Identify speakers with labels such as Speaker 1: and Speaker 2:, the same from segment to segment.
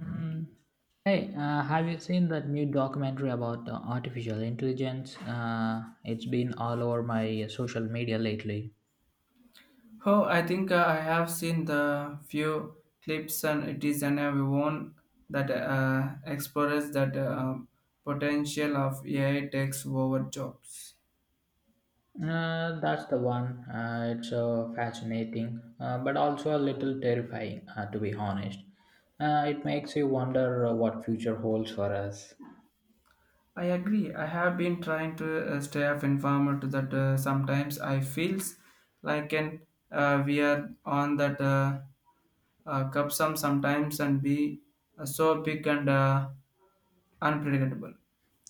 Speaker 1: Mm. Hey, have you seen that new documentary about artificial intelligence? It's been all over my social media lately.
Speaker 2: Oh, I think I have seen the few clips, and it is an everyone that explores that potential of AI takes over jobs.
Speaker 1: That's the one. It's fascinating, but also a little terrifying, to be honest. It makes you wonder what future holds for us.
Speaker 2: I agree. I have been trying to stay up informed to that. Sometimes I feels like an we are on that cupsum sometimes and be so big and unpredictable.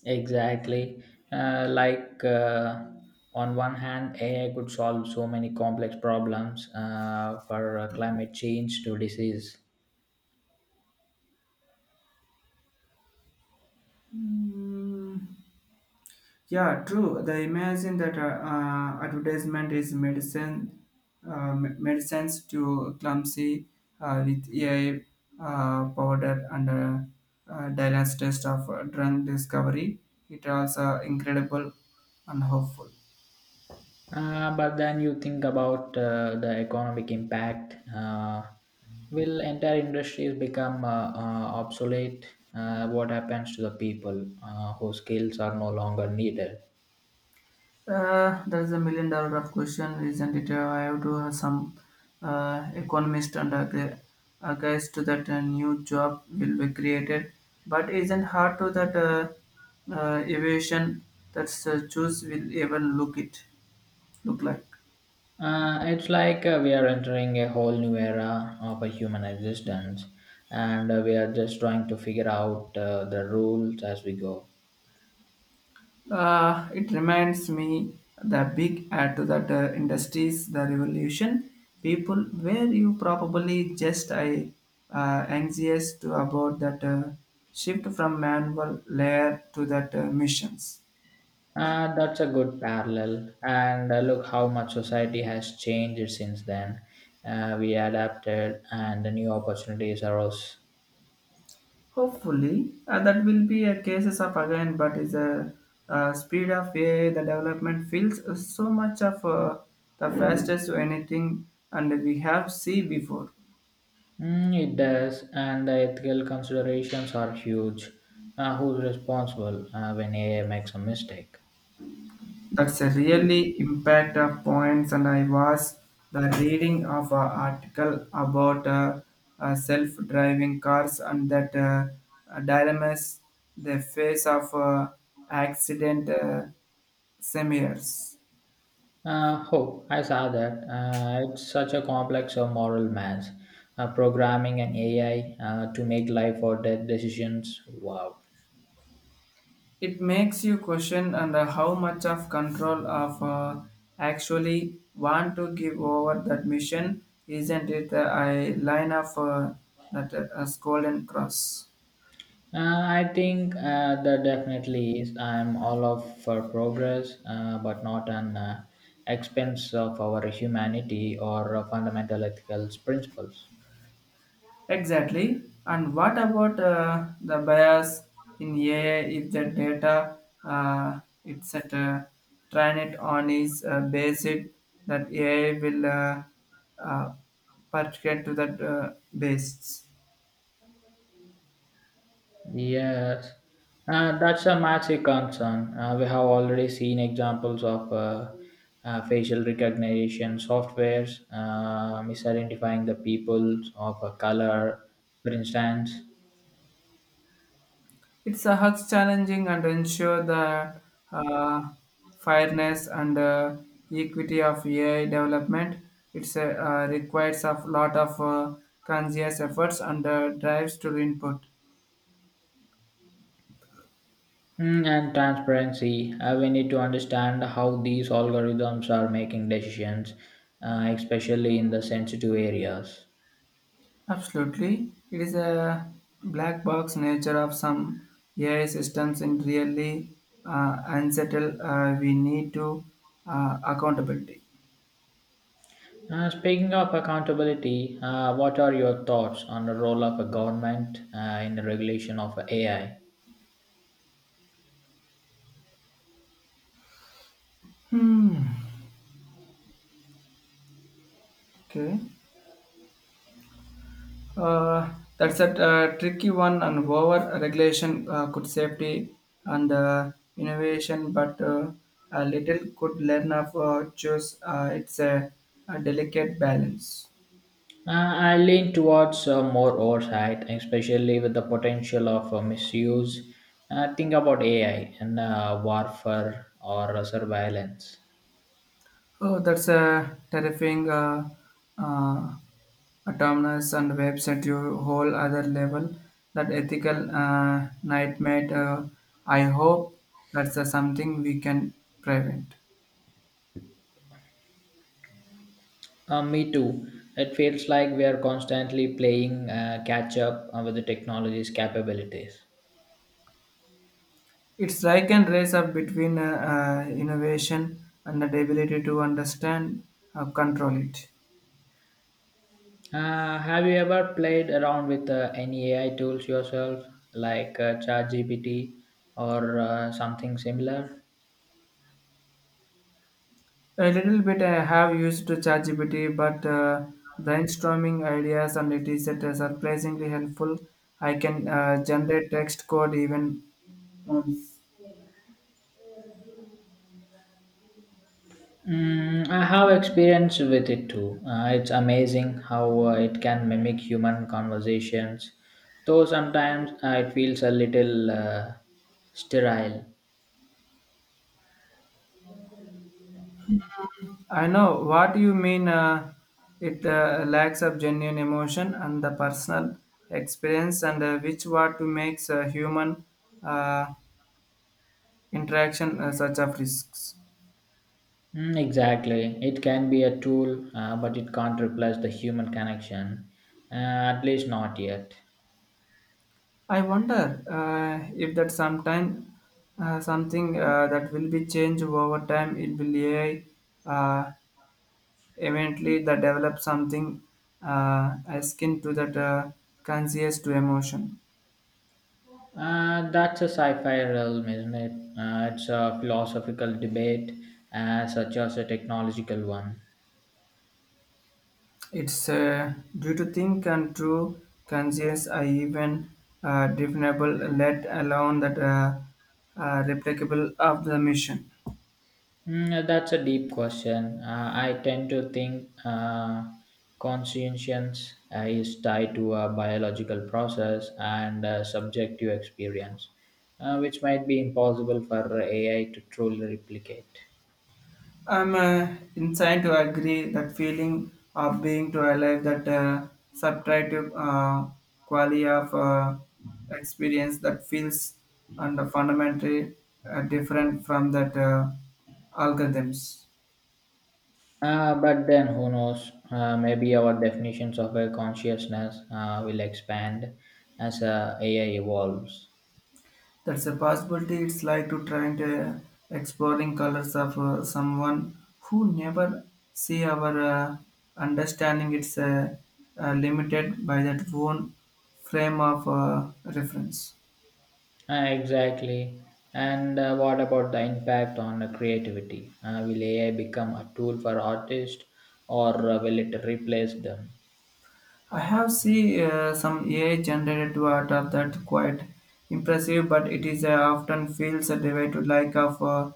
Speaker 1: Exactly. Uh, like uh, on one hand, AI could solve so many complex problems, for climate change to disease.
Speaker 2: Yeah, true. The imagine that advertisement is medicine, medicines to clumsy with AI powder and Dylan's test of drug discovery. It also incredible and hopeful.
Speaker 1: But then you think about the economic impact. Will entire industries become obsolete? What happens to the people whose skills are no longer needed?
Speaker 2: That's a million dollar of question, isn't it? I have to have some economist and a to that a new job will be created, but isn't hard to that evasion that choose will even look like.
Speaker 1: It's like we are entering a whole new era of a human existence, and we are just trying to figure out the rules as we go.
Speaker 2: It reminds me the big ad to that industries, the revolution. People were you probably just I anxious to about that shift from manual layer to that missions.
Speaker 1: That's a good parallel. And look how much society has changed since then. We adapted, and the new opportunities arose.
Speaker 2: Hopefully, that will be a cases of again, but is a speed of AI, the development feels so much of the fastest to anything, and we have see before.
Speaker 1: Mm, it does, and the ethical considerations are huge. Who's responsible when AI makes a mistake?
Speaker 2: That's a really impact of points, and I was the reading of an article about self-driving cars and that dilemmas the face of accident seminars.
Speaker 1: Oh, I saw that. It's such a complex of moral mass. Programming an AI to make life or death decisions. Wow.
Speaker 2: It makes you question and how much of control of actually want to give over that mission. Isn't it a line of that a golden cross?
Speaker 1: I think that definitely is. I'm all of for progress, but not an expense of our humanity or fundamental ethical principles.
Speaker 2: Exactly. And what about the bias in AI if the data it's at trained on is based that AI will uh, particular to that basis.
Speaker 1: Yes, that's a massive concern. We have already seen examples of facial recognition softwares misidentifying the people of a color, for instance.
Speaker 2: It's a huge challenging and ensure the uh, fairness and equity of AI development. It's a requires a lot of conscious efforts and drives to input.
Speaker 1: Mm, and transparency. We need to understand how these algorithms are making decisions, especially in the sensitive areas.
Speaker 2: Absolutely. It is a black box nature of some AI systems and really unsettled. We need to accountability.
Speaker 1: Speaking of accountability, what are your thoughts on the role of a government in the regulation of AI?
Speaker 2: Hmm. Okay. Uh, that's a tricky one and over regulation could safety and innovation, but a little could learn of choose. It's a delicate balance.
Speaker 1: I lean towards more oversight, especially with the potential of misuse. Think about AI and warfare or surveillance.
Speaker 2: Oh, that's a terrifying uh, autonomous and website to whole other level. That ethical nightmare. I hope that's something we can prevent.
Speaker 1: Me too. It feels like we are constantly playing catch up with the technology's capabilities.
Speaker 2: It's like a race up between innovation and the ability to understand, control it.
Speaker 1: Have you ever played around with any AI tools yourself, like ChatGPT or something similar?
Speaker 2: A little bit I have used ChatGPT, but brainstorming ideas and it is surprisingly helpful. I can generate text code even. Um,
Speaker 1: Mm, I have experience with it too. It's amazing how it can mimic human conversations, though sometimes it feels a little sterile.
Speaker 2: I know what you mean. It lacks of genuine emotion and the personal experience, and which what makes a human uh, interaction such of risks.
Speaker 1: Mm, exactly. It can be a tool, but it can't replace the human connection, at least not yet.
Speaker 2: I wonder if that sometime something that will be changed over time. It will AI uh, eventually that develop something akin to that conscious to emotion.
Speaker 1: That's a sci fi realm, isn't it? It's a philosophical debate, such as a technological one.
Speaker 2: It's due to think and true conscious I even definable let alone that replicable of the mission.
Speaker 1: Mm, that's a deep question. I tend to think conscience is tied to a biological process and a subjective experience, which might be impossible for AI to truly replicate.
Speaker 2: I'm inclined to agree that feeling of being to alive, that subtractive quality of experience that feels and fundamentally different from that algorithms.
Speaker 1: But then who knows? Maybe our definitions of a consciousness will expand as AI evolves.
Speaker 2: That's a possibility. It's like to trying to exploring colors of someone who never see our understanding. It's limited by that own frame of reference.
Speaker 1: Exactly. And what about the impact on creativity? Will AI become a tool for artists or will it replace them?
Speaker 2: I have seen some AI generated water that quite impressive, but it is often feels a derivative like of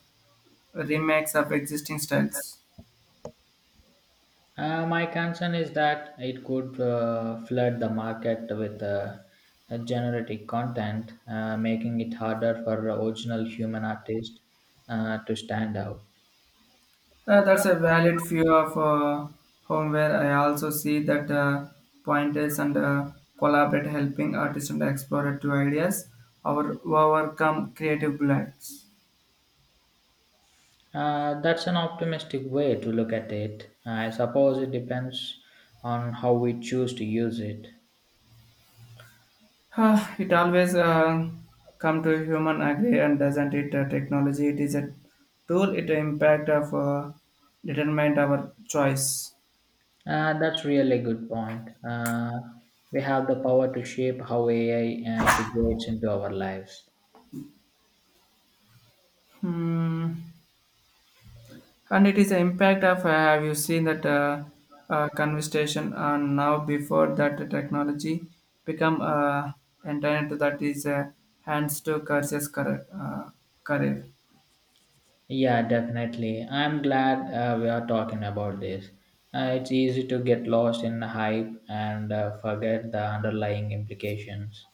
Speaker 2: remakes of existing styles.
Speaker 1: My concern is that it could flood the market with generic content, making it harder for original human artists to stand out.
Speaker 2: That's a valid view of homeware. I also see that pointers and collaborate helping artists and explore two ideas or overcome creative blocks.
Speaker 1: That's an optimistic way to look at it. I suppose it depends on how we choose to use it.
Speaker 2: Ah, it always come to human agree and doesn't it technology it is a tool it impact of determine our choice.
Speaker 1: That's really good point. We have the power to shape how AI integrates into our lives.
Speaker 2: Hmm. And it is an impact of have you seen that conversation on now before that the technology become internet that is hands to curses career.
Speaker 1: Yeah, definitely. I'm glad we are talking about this. It's easy to get lost in the hype and forget the underlying implications.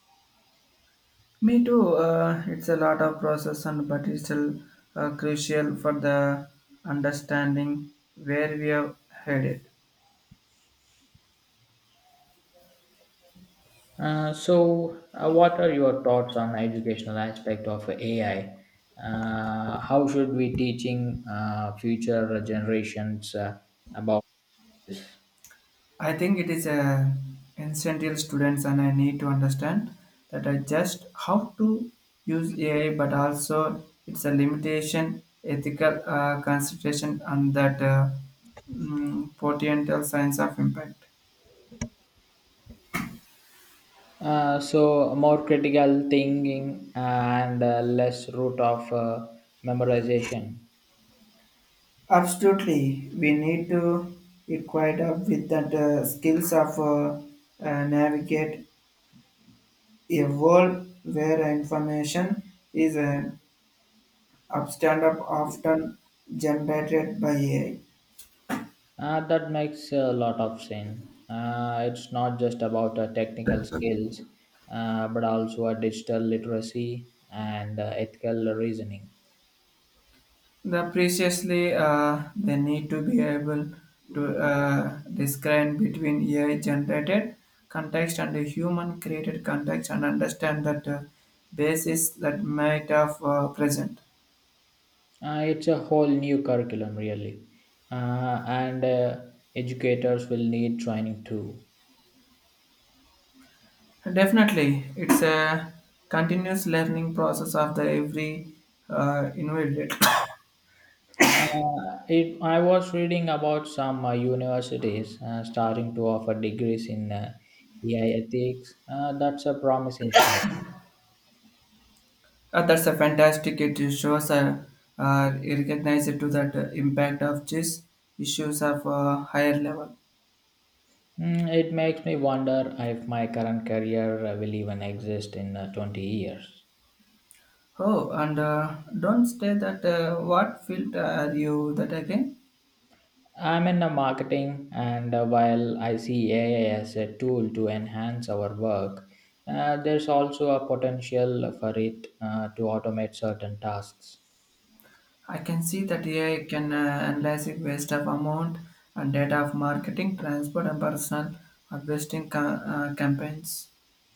Speaker 2: Me too. It's a lot of process and but it's still crucial for the understanding where we are headed.
Speaker 1: So, what are your thoughts on educational aspect of AI? How should we teaching future generations about this?
Speaker 2: I think it is a essential students and I need to understand that I just how to use AI, but also it's a limitation, ethical consideration, and that potential science of impact.
Speaker 1: So, more critical thinking and less route of memorization.
Speaker 2: Absolutely, we need to equate up with the skills of navigate a world where information is an upstand up often generated by AI.
Speaker 1: That makes a lot of sense. It's not just about technical skills, but also digital literacy and ethical reasoning.
Speaker 2: The previously they need to be able to discern between AI generated context and the human created context and understand that basis that might have present.
Speaker 1: It's a whole new curriculum, really. And educators will need training too.
Speaker 2: Definitely, it's a continuous learning process of the every invalid.
Speaker 1: Uh, I was reading about some universities starting to offer degrees in AI ethics. That's a promising sign.
Speaker 2: That's a fantastic. It shows a recognize to that impact of these issues of higher level.
Speaker 1: Mm, it makes me wonder if my current career will even exist in 20 years.
Speaker 2: Oh, and don't say that. What field are you that again?
Speaker 1: I'm in a marketing, and while I see AI as a tool to enhance our work, there's also a potential for it to automate certain tasks.
Speaker 2: I can see that AI can analyze it waste of amount and data of marketing, transport, and personal harvesting campaigns.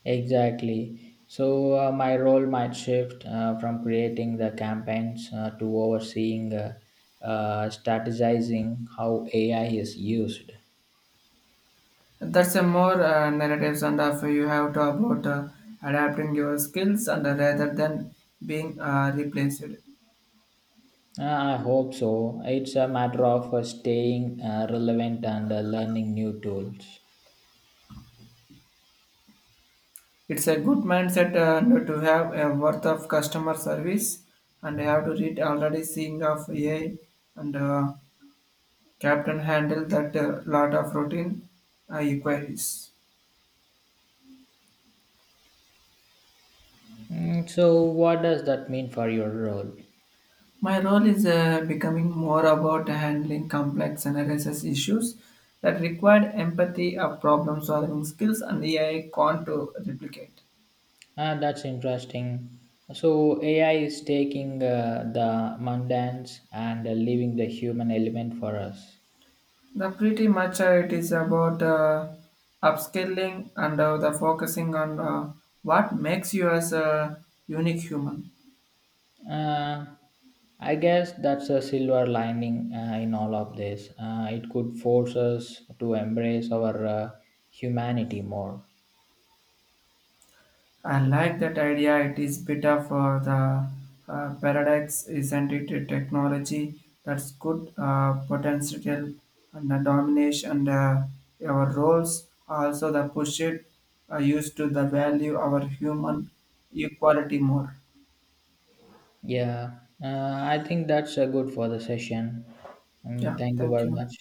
Speaker 1: Exactly. So, my role might shift from creating the campaigns to overseeing, strategizing how AI is used.
Speaker 2: That's a more narratives and of you have to about adapting your skills and rather than being replaced.
Speaker 1: I hope so. It's a matter of staying relevant and learning new tools.
Speaker 2: It's a good mindset no, to have a worth of customer service and you have to read already seeing of AI and captain handle that lot of routine inquiries.
Speaker 1: Mm, so what does that mean for your role?
Speaker 2: My role is becoming more about handling complex and analysis issues that require empathy or problem solving skills and AI can't to replicate.
Speaker 1: Ah, that's interesting. So AI is taking the mundane and leaving the human element for us.
Speaker 2: The pretty much it is about upscaling and the focusing on what makes you as a unique human.
Speaker 1: Uh, I guess that's a silver lining in all of this. It could force us to embrace our humanity more.
Speaker 2: I like that idea. It is better for the paradox, isn't it? A technology that's good potential and the domination and our roles. Also, the push it used to the value our human equality more.
Speaker 1: Yeah, uh, I think that's good for the session.
Speaker 2: Yeah,
Speaker 1: Thank you
Speaker 2: thank
Speaker 1: very
Speaker 2: you.
Speaker 1: much.